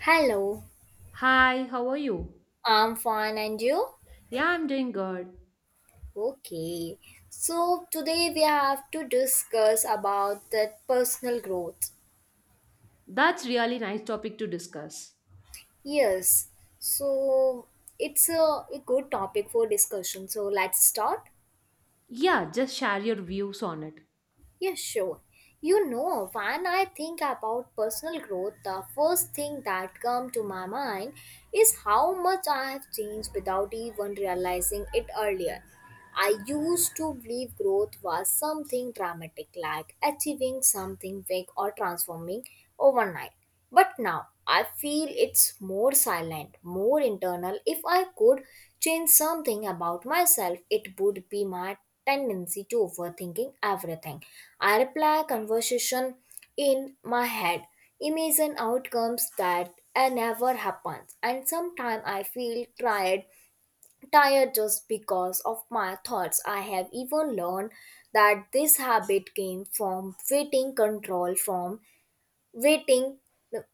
Hello, Hi, how are you? I'm fine and you? Yeah, I'm doing good. Okay. So today we have to discuss about that personal growth. That's really nice topic to discuss. Yes. So it's a good topic for discussion. So let's start. Yeah, just share your views on it. Yes, sure. You know, when I think about personal growth, the first thing that comes to my mind is how much I have changed without even realizing it earlier. I used to believe growth was something dramatic, like achieving something big or transforming overnight. But now I feel it's more silent, more internal. If I could change something about myself, it would be my tendency to overthinking everything. I reply conversation in my head, imagine outcomes that never happens, and sometimes I feel tired just because of my thoughts. I have even learned that this habit came from waiting control from waiting,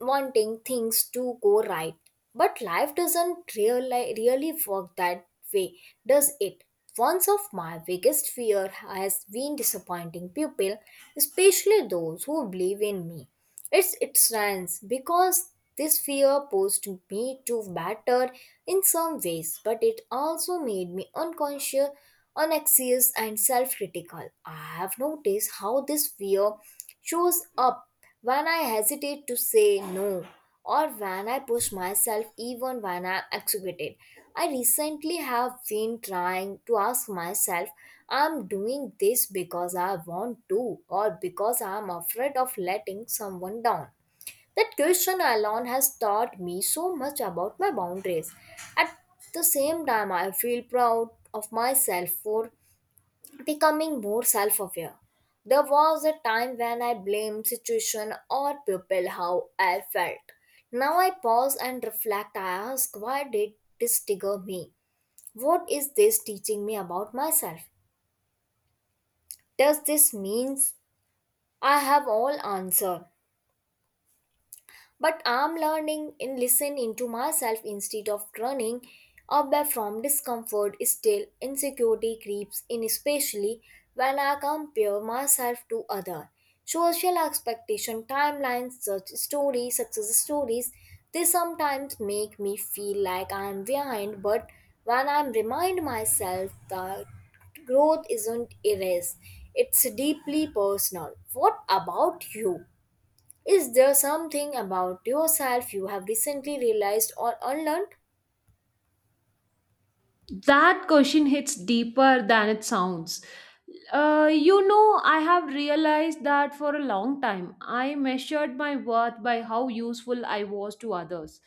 wanting things to go right. But life doesn't really work that way, does it? One of my biggest fear has been disappointing people, especially those who believe in me. It strands because this fear pushed me to better in some ways, but it also made me unconscious, unaxious, and self-critical. I have noticed how this fear shows up when I hesitate to say no or when I push myself even when I'm exhausted. I recently have been trying to ask myself, I'm doing this because I want to or because I'm afraid of letting someone down. That question alone has taught me so much about my boundaries. At the same time, I feel proud of myself for becoming more self-aware. There was a time when I blamed situation or people how I felt. Now I pause and reflect. I ask, why did this trigger me? What is this teaching me about myself? Does this means I have all answer? But I'm learning in listen into myself instead of running away from discomfort. Still, insecurity creeps in, especially when I compare myself to other. Social expectation, timelines, such stories, success stories, they sometimes make me feel like I am behind. But when I remind myself that growth isn't erased, it's deeply personal. What about you? Is there something about yourself you have recently realized or unlearned? That question hits deeper than it sounds. I have realized that for a long time, I measured my worth by how useful I was to others.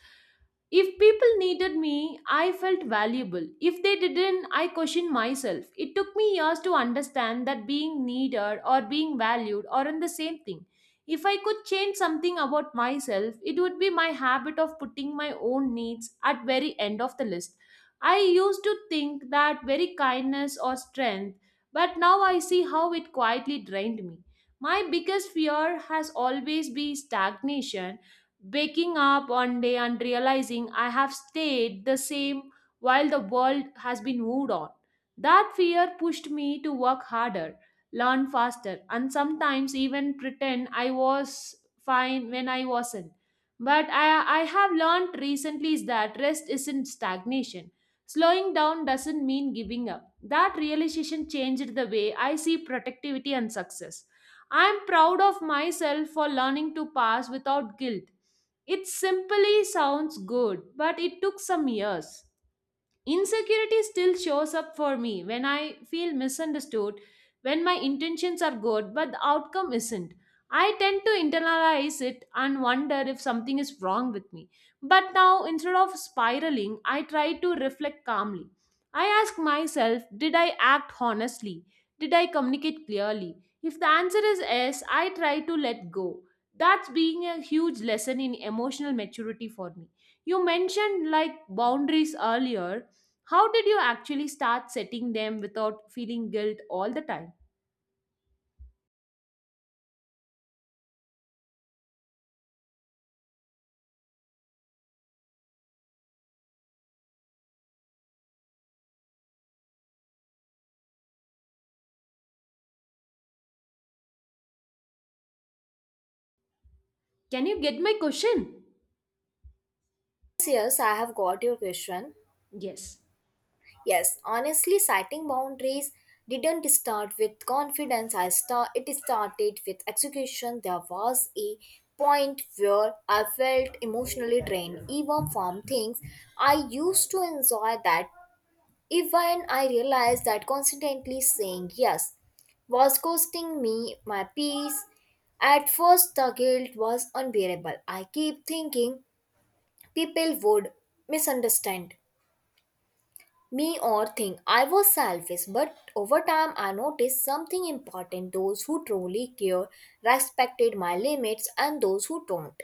If people needed me, I felt valuable. If they didn't, I questioned myself. It took me years to understand that being needed or being valued aren't the same thing. If I could change something about myself, it would be my habit of putting my own needs at very end of the list. I used to think that very kindness or strength, but now I see how it quietly drained me. My biggest fear has always been stagnation, waking up one day and realizing I have stayed the same while the world has been moved on. That fear pushed me to work harder, learn faster, and sometimes even pretend I was fine when I wasn't. But I have learned recently is that rest isn't stagnation. Slowing down doesn't mean giving up. That realization changed the way I see productivity and success. I am proud of myself for learning to pass without guilt. It simply sounds good, but it took some years. Insecurity still shows up for me when I feel misunderstood, when my intentions are good but the outcome isn't. I tend to internalize it and wonder if something is wrong with me. But now, instead of spiraling, I try to reflect calmly. I ask myself, did I act honestly? Did I communicate clearly? If the answer is yes, I try to let go. That's being a huge lesson in emotional maturity for me. You mentioned like boundaries earlier, how did you actually start setting them without feeling guilt all the time? Can you get my question? Yes, yes, I have got your question. Yes. Yes, honestly, citing boundaries didn't start with confidence. I start It started with execution. There was a point where I felt emotionally drained, even from things I used to enjoy that. Even I realized that constantly saying yes was costing me my peace. At first, the guilt was unbearable. I keep thinking people would misunderstand me or think I was selfish, but over time I noticed something important. Those who truly care respected my limits, and those who don't.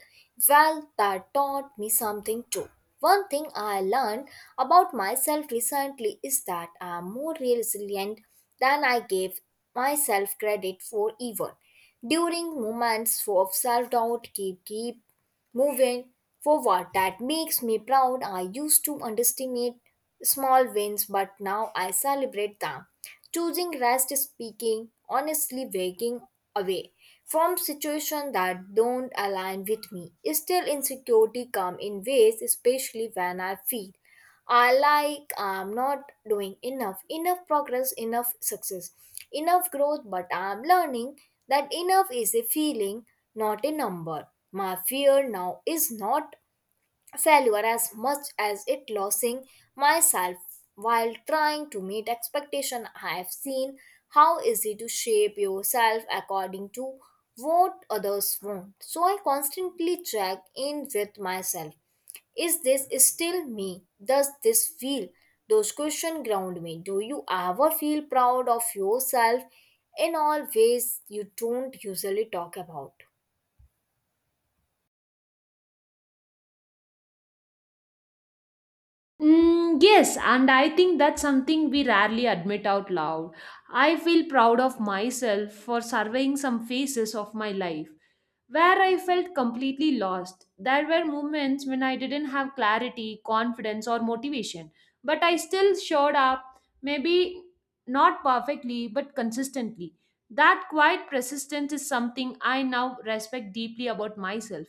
Well, that taught me something too. One thing I learned about myself recently is that I am more resilient than I gave myself credit for even. During moments of self doubt, keep moving forward that makes me proud. I used to underestimate small wins, but now I celebrate them. Choosing rest, speaking honestly, waking away from situations that don't align with me. Still, insecurity come in ways, especially when I feel I like I'm not doing enough, enough progress, enough success, enough growth, but I'm learning that enough is a feeling, not a number. My fear now is not failure as much as it losing myself while trying to meet expectation I have seen how easy to shape yourself according to what others want. So I constantly check in with myself, is this still me? Does this feel? Those questions ground me. Do you ever feel proud of yourself in all ways you don't usually talk about? Mm, yes, and I think that's something we rarely admit out loud. I feel proud of myself for surveying some phases of my life where I felt completely lost. There were moments when I didn't have clarity, confidence, or motivation, but I still showed up, maybe not perfectly, but consistently. That quiet persistence is something I now respect deeply about myself.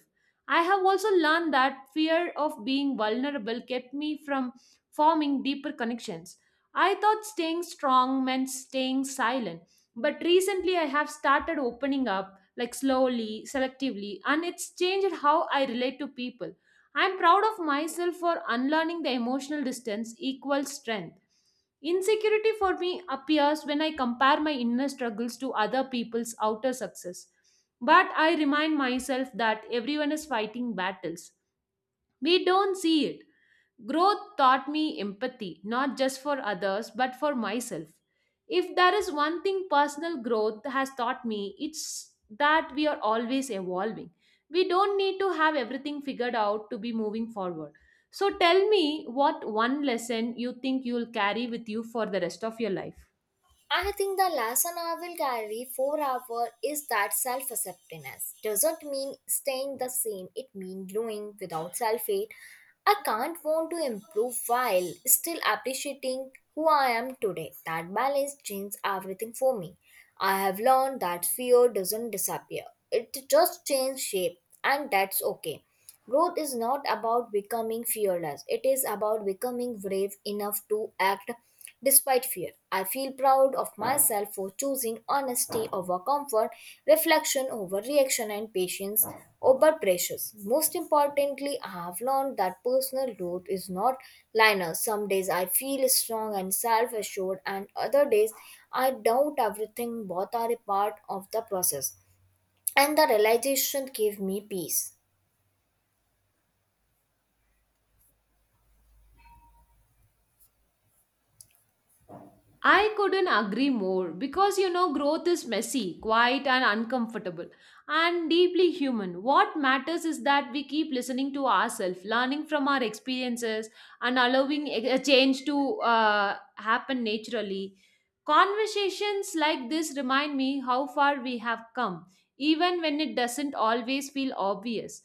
I have also learned that fear of being vulnerable kept me from forming deeper connections. I thought staying strong meant staying silent, but recently I have started opening up, like slowly, selectively, and it's changed how I relate to people. I'm proud of myself for unlearning the emotional distance equals strength. Insecurity for me appears when I compare my inner struggles to other people's outer success. But I remind myself that everyone is fighting battles. We don't see it. Growth taught me empathy, not just for others, but for myself. If there is one thing personal growth has taught me, it's that we are always evolving. We don't need to have everything figured out to be moving forward. So tell me what one lesson you think you'll carry with you for the rest of your life. I think the lesson I will carry forever is that self acceptance doesn't mean staying the same, it means growing without self hate. I can't want to improve while still appreciating who I am today. That balance changes everything for me. I have learned that fear doesn't disappear, it just changes shape, and that's okay. Growth is not about becoming fearless, it is about becoming brave enough to act despite fear. I feel proud of myself for choosing honesty over comfort, reflection over reaction, and patience over pressures. Most importantly, I have learned that personal growth is not linear. Some days I feel strong and self assured, and other days I doubt everything. Both are a part of the process, and the realization gave me peace. I couldn't agree more because you know, growth is messy, quiet, and uncomfortable, and deeply human. What matters is that we keep listening to ourselves, learning from our experiences, and allowing a change to happen naturally. Conversations like this remind me how far we have come, even when it doesn't always feel obvious.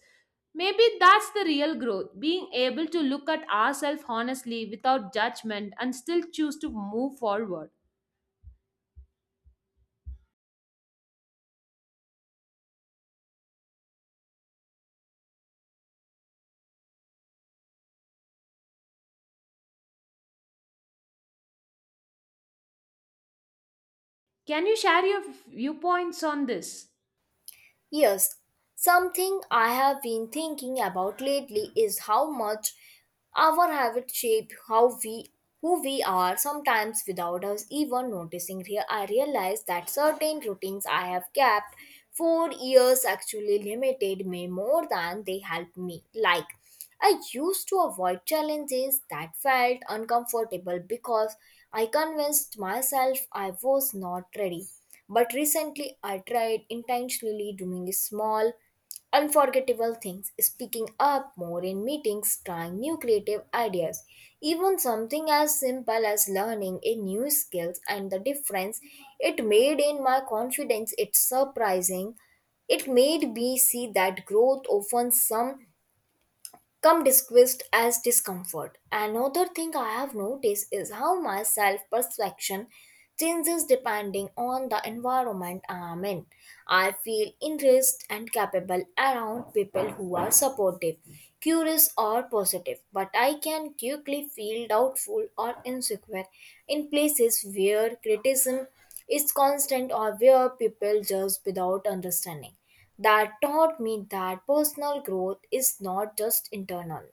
Maybe that's the real growth being able to look at ourselves honestly without judgment and still choose to move forward. Can you share your viewpoints on this? Yes, something I have been thinking about lately is how much our habits shape how we who we are sometimes without us even noticing. Here I realized that certain routines I have kept for years actually limited me more than they helped me. Like I used to avoid challenges that felt uncomfortable because I convinced myself I was not ready, but recently, I tried intentionally doing small, unforgettable things, speaking up more in meetings, trying new creative ideas. Even something as simple as learning a new skill and the difference it made in my confidence, it's surprising. It made me see that growth often some come disguised as discomfort. Another thing I have noticed is how my self perception changes depending on the environment I am in. I feel enriched and capable around people who are supportive, curious, or positive, but I can quickly feel doubtful or insecure in places where criticism is constant or where people judge without understanding. That taught me that personal growth is not just internal.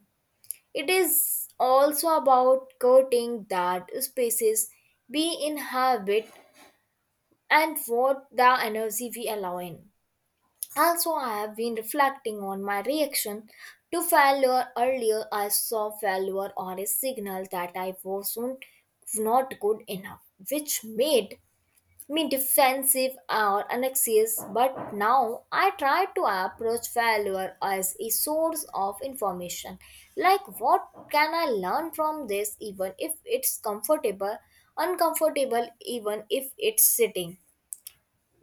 It is also about curting that spaces we inhabit and what the energy we allow in. Also, I have been reflecting on my reaction to failure earlier. I saw failure or a signal that I wasn't not good enough, which made me defensive or anxious. But now I try to approach failure as a source of information, like what can I learn from this, even if it's comfortable uncomfortable, even if it's sitting.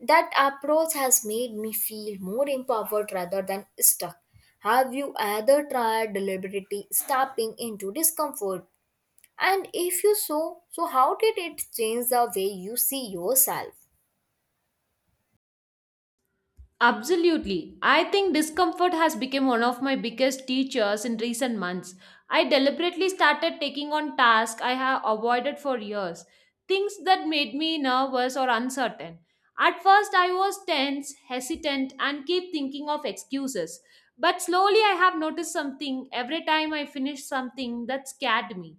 That approach has made me feel more empowered rather than stuck. Have you ever tried deliberately stepping into discomfort, and if you so so, how did it change the way you see yourself? Absolutely. I think discomfort has become one of my biggest teachers in recent months. I deliberately started taking on tasks I have avoided for years, things that made me nervous or uncertain. At first, I was tense, hesitant, and keep thinking of excuses. But slowly, I have noticed something every time I finished something that scared me.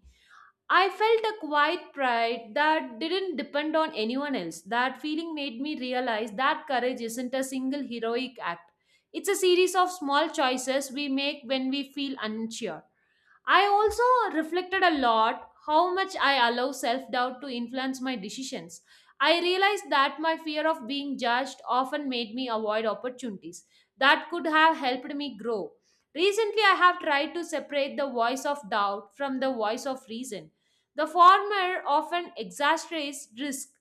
I felt a quiet pride that didn't depend on anyone else. That feeling made me realize that courage isn't a single heroic act. It's a series of small choices we make when we feel unsure. I also reflected a lot how much I allow self doubt to influence my decisions. I realized that my fear of being judged often made me avoid opportunities that could have helped me grow. Recently, I have tried to separate the voice of doubt from the voice of reason. The former often exaggerates risk,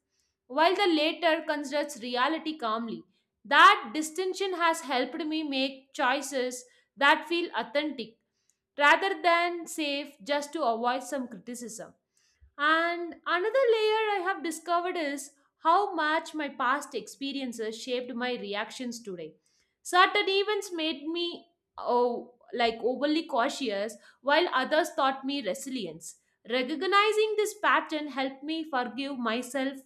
while the latter considers reality calmly. That distinction has helped me make choices that feel authentic rather than safe just to avoid some criticism. And another layer I have discovered is how much my past experiences shaped my reactions today. Certain events made me oh, like overly cautious, while others taught me resilience. Recognizing this pattern helped me forgive myself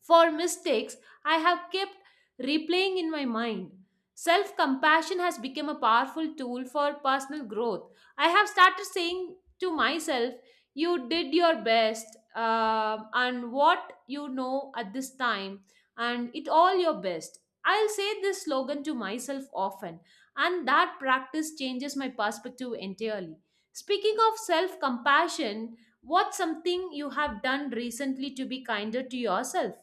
for mistakes I have kept replaying in my mind. Self compassion has become a powerful tool for personal growth. I have started saying to myself, "You did your best, and what you know at this time, and it all your best." I'll say this slogan to myself often, and that practice changes my perspective entirely. Speaking of self compassion, what's something you have done recently to be kinder to yourself?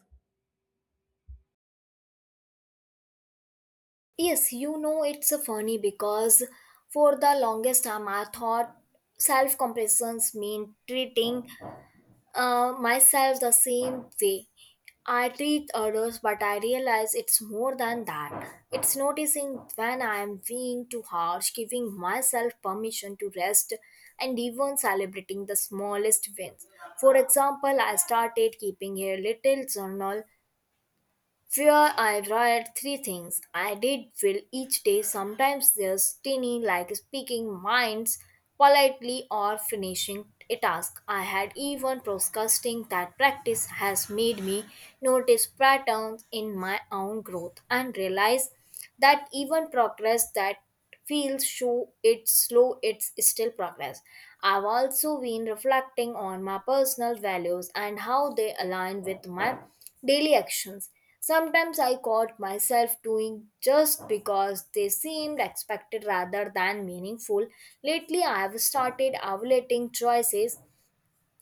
Yes, you know, it's a funny because for the longest time I thought self compressions mean treating myself the same way I treat others, but I realize it's more than that. It's noticing when I am being too harsh, giving myself permission to rest, and even celebrating the smallest wins. For example, I started keeping a little journal where I write three things I did well each day. Sometimes there's tiny, like speaking minds politely or finishing a task. I had even broadcasting that practice has made me notice patterns in my own growth and realize that even progress that feels show it's slow it's still progress. I've also been reflecting on my personal values and how they align with my daily actions. Sometimes I caught myself doing just because they seemed expected rather than meaningful. Lately I have started evaluating choices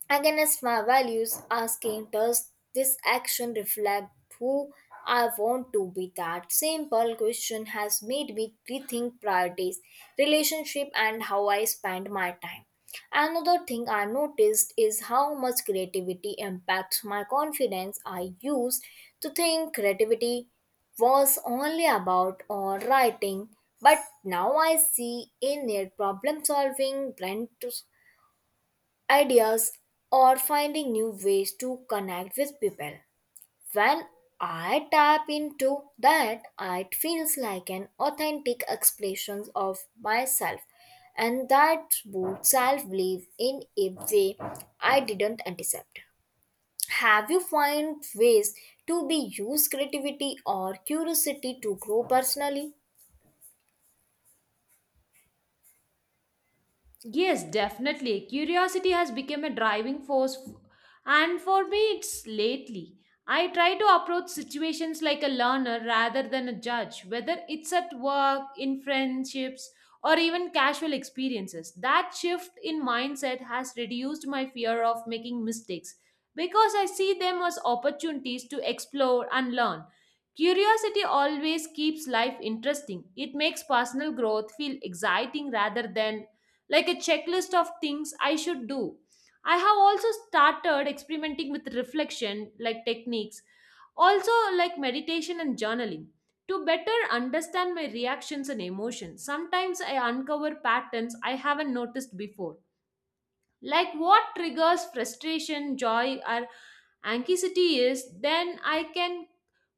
against my values, asking does this action reflect who I want to be? That simple question has made me rethink priorities, relationship, and how I spend my time. Another thing I noticed is how much creativity impacts my confidence. I used to think creativity was only about or writing, but now I see in it problem solving, ideas, or finding new ways to connect with people. When I tap into that, it feels like an authentic expression of myself, and that boosts self belief in a way I didn't anticipate. Have you found ways to be use creativity or curiosity to grow personally? Yes, definitely. Curiosity has become a driving force, and for me, it's lately. I try to approach situations like a learner rather than a judge, whether it's at work, in friendships, or even casual experiences. That shift in mindset has reduced my fear of making mistakes because I see them as opportunities to explore and learn. Curiosity always keeps life interesting. It makes personal growth feel exciting rather than like a checklist of things I should do. I have also started experimenting with reflection, like techniques, also like meditation and journaling. To better understand my reactions and emotions, sometimes I uncover patterns I haven't noticed before like what triggers frustration, joy, or anxiety is, then I can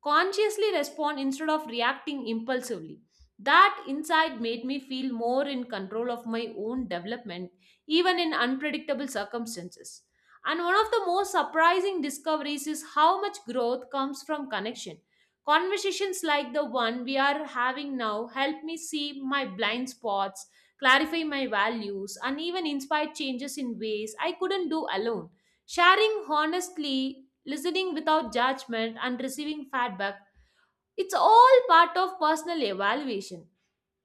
consciously respond instead of reacting impulsively. That insight made me feel more in control of my own development, even in unpredictable circumstances. And one of the most surprising discoveries is how much growth comes from connection. Conversations like the one we are having now help me see my blind spots, clarify my values, and even inspire changes in ways I couldn't do alone. Sharing honestly, listening without judgment, and receiving feedback, it's all part of personal evaluation.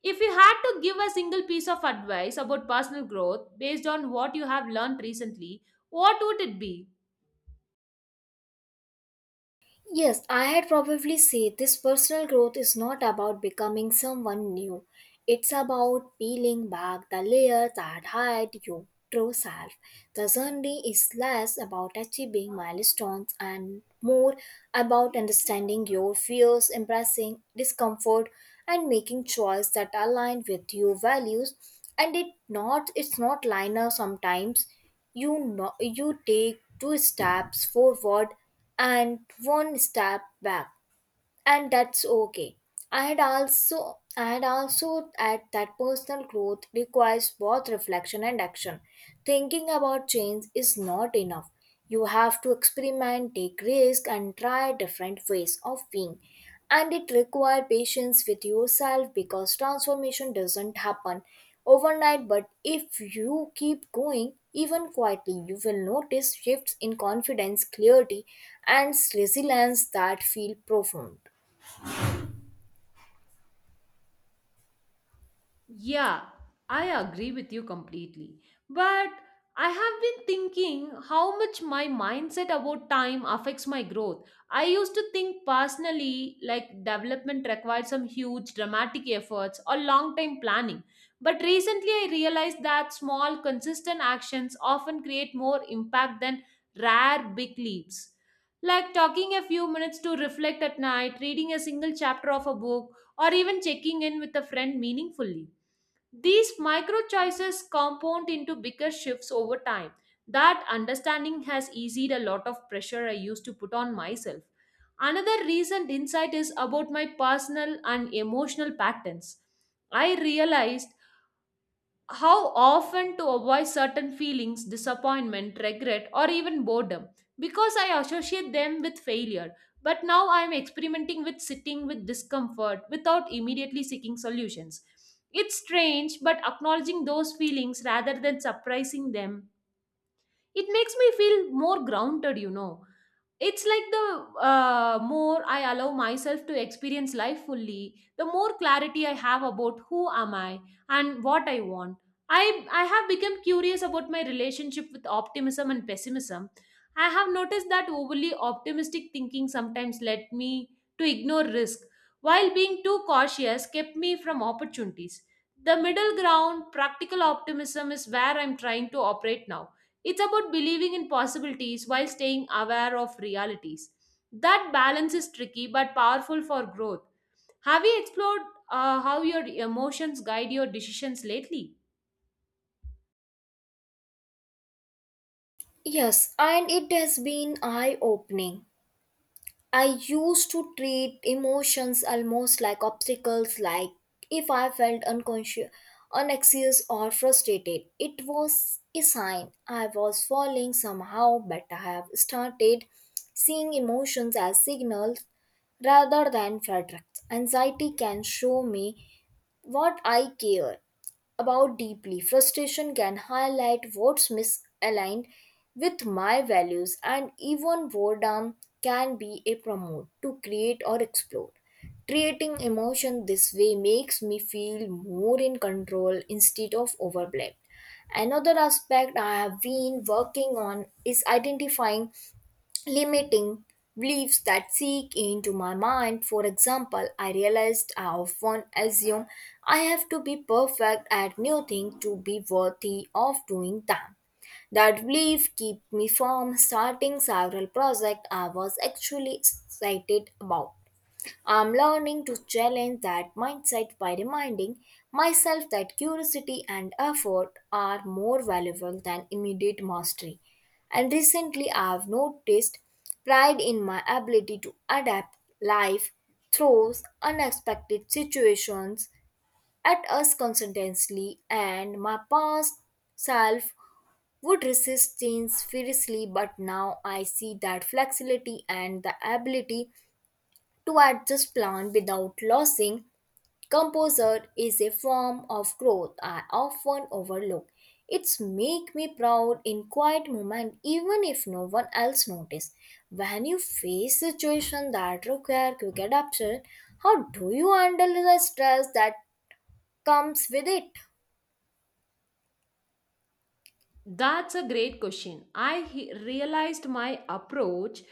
If you had to give a single piece of advice about personal growth based on what you have learned recently, what would it be? Yes, I had probably say this personal growth is not about becoming someone new. It's about peeling back the layer that hide your true self. The journey is less about achieving milestones and more about understanding your fears, embracing discomfort, and making choices that align with your values. And it's not linear. Sometimes you know you take two steps forward and one step back, and that's okay. I had also add that personal growth requires both reflection and action. Thinking about change is not enough. You have to experiment, take risk, and try different ways of being. And it requires patience with yourself because transformation doesn't happen overnight. But if you keep going, even quietly, you will notice shifts in confidence, clarity, and resilience that feel profound. Yeah, I agree with you completely. But I have been thinking how much my mindset about time affects my growth. I used to think personally like development required some huge dramatic efforts or long time planning. But recently I realized that small consistent actions often create more impact than rare big leaps. Like talking a few minutes to reflect at night, reading a single chapter of a book, or even checking in with a friend meaningfully. These micro choices compound into bigger shifts over time. That understanding has eased a lot of pressure I used to put on myself. Another recent insight is about my personal and emotional patterns. I realized how often to avoid certain feelings, disappointment, regret, or even boredom because I associate them with failure. But now I am experimenting with sitting with discomfort without immediately seeking solutions. It's strange, but acknowledging those feelings rather than suppressing them it makes me feel more grounded, you know. It's like the more I allow myself to experience life fully, the more clarity I have about who am I and what I want. I i have become curious about my relationship with optimism and pessimism. I have noticed that overly optimistic thinking sometimes led me to ignore risk, while being too cautious kept me from opportunities. The middle ground practical optimism is where I'm trying to operate now. It's about believing in possibilities while staying aware of realities. That balance is tricky but powerful for growth. Have you explored how your emotions guide your decisions lately? Yes, and it has been eye opening. I used to treat emotions almost like obstacles, like if I felt unconscious, unaxious, or frustrated. It was a sign I was falling somehow, but I have started seeing emotions as signals rather than verdicts. Anxiety can show me what I care about deeply. Frustration can highlight what's misaligned with my values, and even boredom can be a promote to create or explore. Treating emotion this way makes me feel more in control instead of overwhelmed. Another aspect I have been working on is identifying limiting beliefs that seek into my mind. For example, I realized I often assume I have to be perfect at new things to be worthy of doing them. That belief kept me from starting several projects I was actually excited about. I'm learning to challenge that mindset by reminding myself that curiosity and effort are more valuable than immediate mastery. And recently, I've noticed pride in my ability to adapt. Life throws unexpected situations at us constantly, and my past self would resist change fiercely, but now I see that flexibility and the ability to adjust plan without losing composure is a form of growth I often overlook. It's make me proud in quiet moment even if no one else notice. When you face situation that require quick adaptation, how do you handle the stress that comes with it? That's a great question. Realized my approach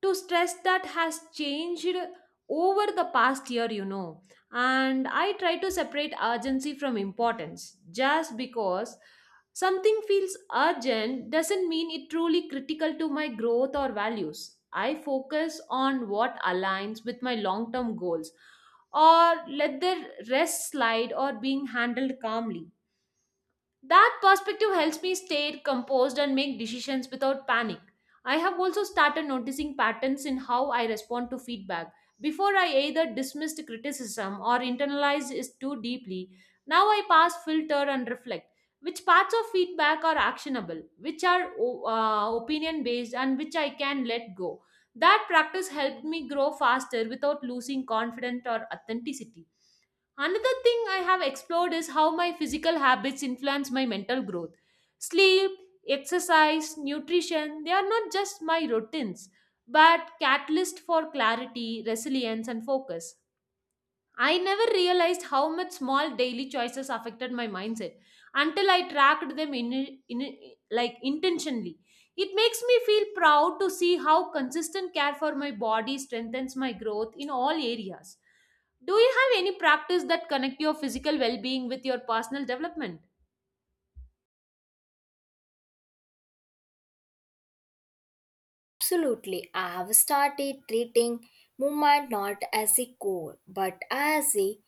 to stress that has changed over the past year, you know. And I try to separate urgency from importance. Just because something feels urgent doesn't mean it truly critical to my growth or values. I focus on what aligns with my long term goals, or let the rest slide or being handled calmly. That perspective helps me stay composed and make decisions without panic. I have also started noticing patterns in how I respond to feedback. Before I either dismissed criticism or internalized it too deeply. Now I pass filter and reflect which parts of feedback are actionable, which are opinion based, and which I can let go. That practice helped me grow faster without losing confidence or authenticity. Another thing I have explored is how my physical habits influence my mental growth. Sleep, exercise, nutrition, they are not just my routines, but catalyst for clarity, resilience and focus. I never realized how much small daily choices affected my mindset until I tracked them in like intentionally. It makes me feel proud to see how consistent care for my body strengthens my growth in all areas. Do you have any practice that connect your physical well-being with your personal development? Absolutely. I have started treating movement not as a goal but as a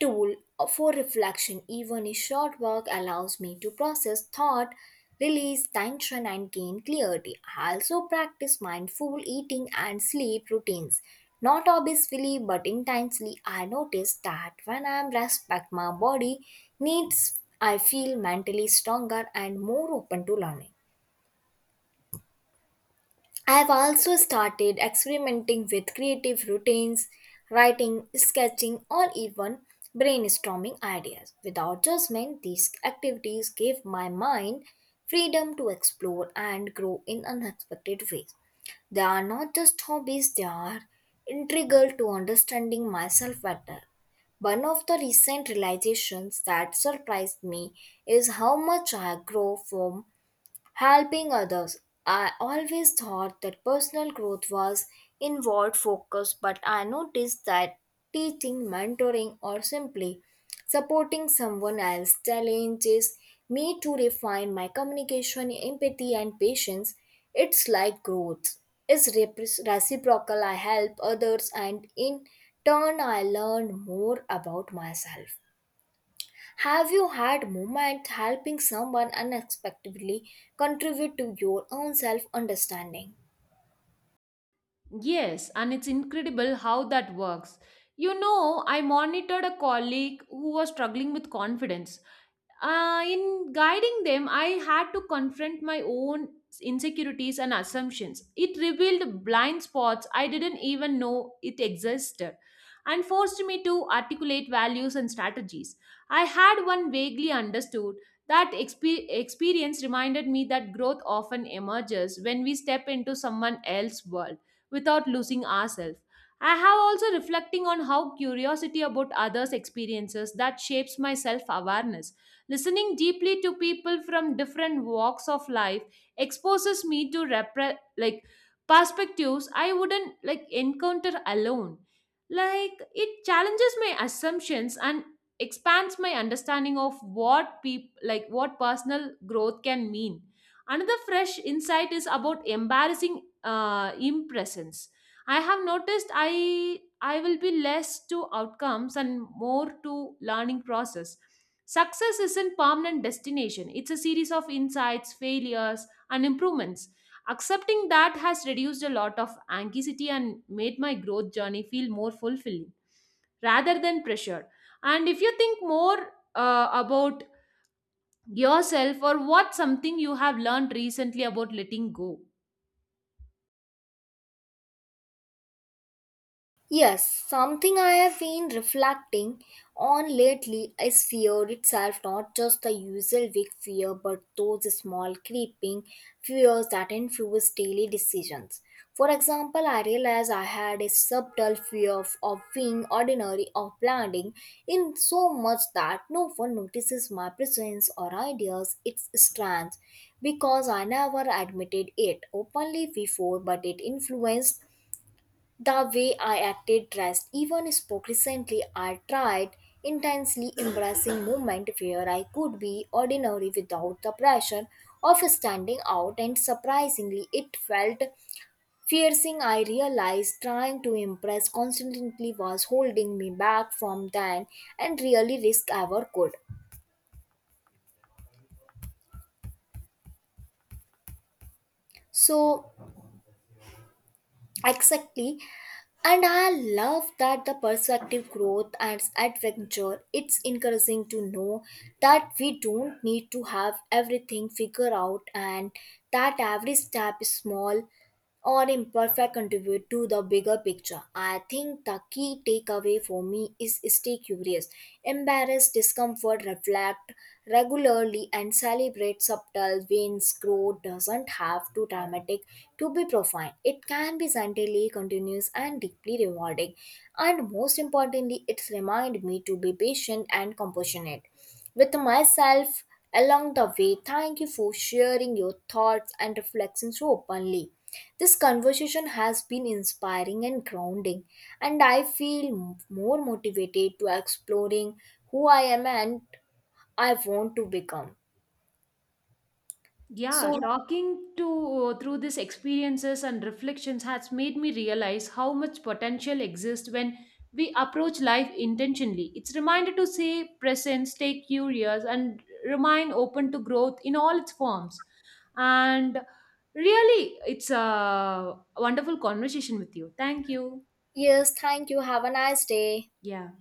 tool for reflection. Even a short walk allows me to process thought, release tension, and gain clarity. I also practice mindful eating and sleep routines. Not obviously but intensely, I notice that when I respect my body needs, I feel mentally stronger and more open to learning. I've also started experimenting with creative routines, writing, sketching, or even brainstorming ideas. Without judgment, these activities give my mind freedom to explore and grow in unexpected ways. They are not just hobbies, they are integral to understanding myself better. One of the recent realizations that surprised me is how much I grow from helping others. I always thought that personal growth was inward focus, but I noticed that teaching, mentoring, or simply supporting someone else challenges me to refine my communication, empathy, and patience. It's like growth is reciprocal. I help others, and in turn, I learn more about myself. Have you had moments helping someone unexpectedly contribute to your own self understanding? Yes, and it's incredible how that works. You know, I monitored a colleague who was struggling with confidence, in guiding them, I had to confront my own insecurities and assumptions. It revealed blind spots I didn't even know it existed and forced me to articulate values and strategies. I had one vaguely understood. That experience reminded me that growth often emerges when we step into someone else's world without losing ourselves. I have also reflecting on how curiosity about others' experiences that shapes my self-awareness. Listening deeply to people from different walks of life exposes me to like perspectives I wouldn't like encounter alone. Like it challenges my assumptions and expands my understanding of what like what personal growth can mean. Another fresh insight is about embarrassing impressions. I have noticed I will be less to outcomes and more to learning process. Success isn't permanent destination. It's a series of insights, failures, and improvements. Accepting that has reduced a lot of anxiety and made my growth journey feel more fulfilling rather than pressure. And if you think more about yourself or what something you have learned recently about letting go, Yes, something I have been reflecting on lately is fear itself, not just the usual big fear, but those small creeping fears that influence daily decisions. For example, I realized I had a subtle fear of being ordinary, of blending in so much that no one notices my presence or ideas. It's strange because I never admitted it openly before, but it influenced the way I acted, dressed, even spoke. Recently, I tried intensely embracing movement where I could be ordinary without the pressure of standing out, and surprisingly, it felt fearsing. I realized trying to impress constantly was holding me back from then and really risk ever could. So, exactly, and I love that the perspective growth and adventure. It's encouraging to know that we don't need to have everything figured out and that every step is small or imperfect contribute to the bigger picture. I think the key takeaway for me is stay curious, embrace discomfort, reflect regularly, and celebrate subtle wins. Growth doesn't have to dramatic to be profound. It can be gently, continuous, and deeply rewarding. And most importantly, it reminds me to be patient and compassionate with myself along the way. Thank you for sharing your thoughts and reflections so openly. This conversation has been inspiring and grounding, and I feel more motivated to exploring who I am and I want to become. Yeah, So, talking to through these experiences and reflections has made me realize how much potential exists when we approach life intentionally. It's reminder to stay present, stay curious, and remain open to growth in all its forms. And really, it's a wonderful conversation with you. Thank you. yes, thank you. Have a nice day. Yeah.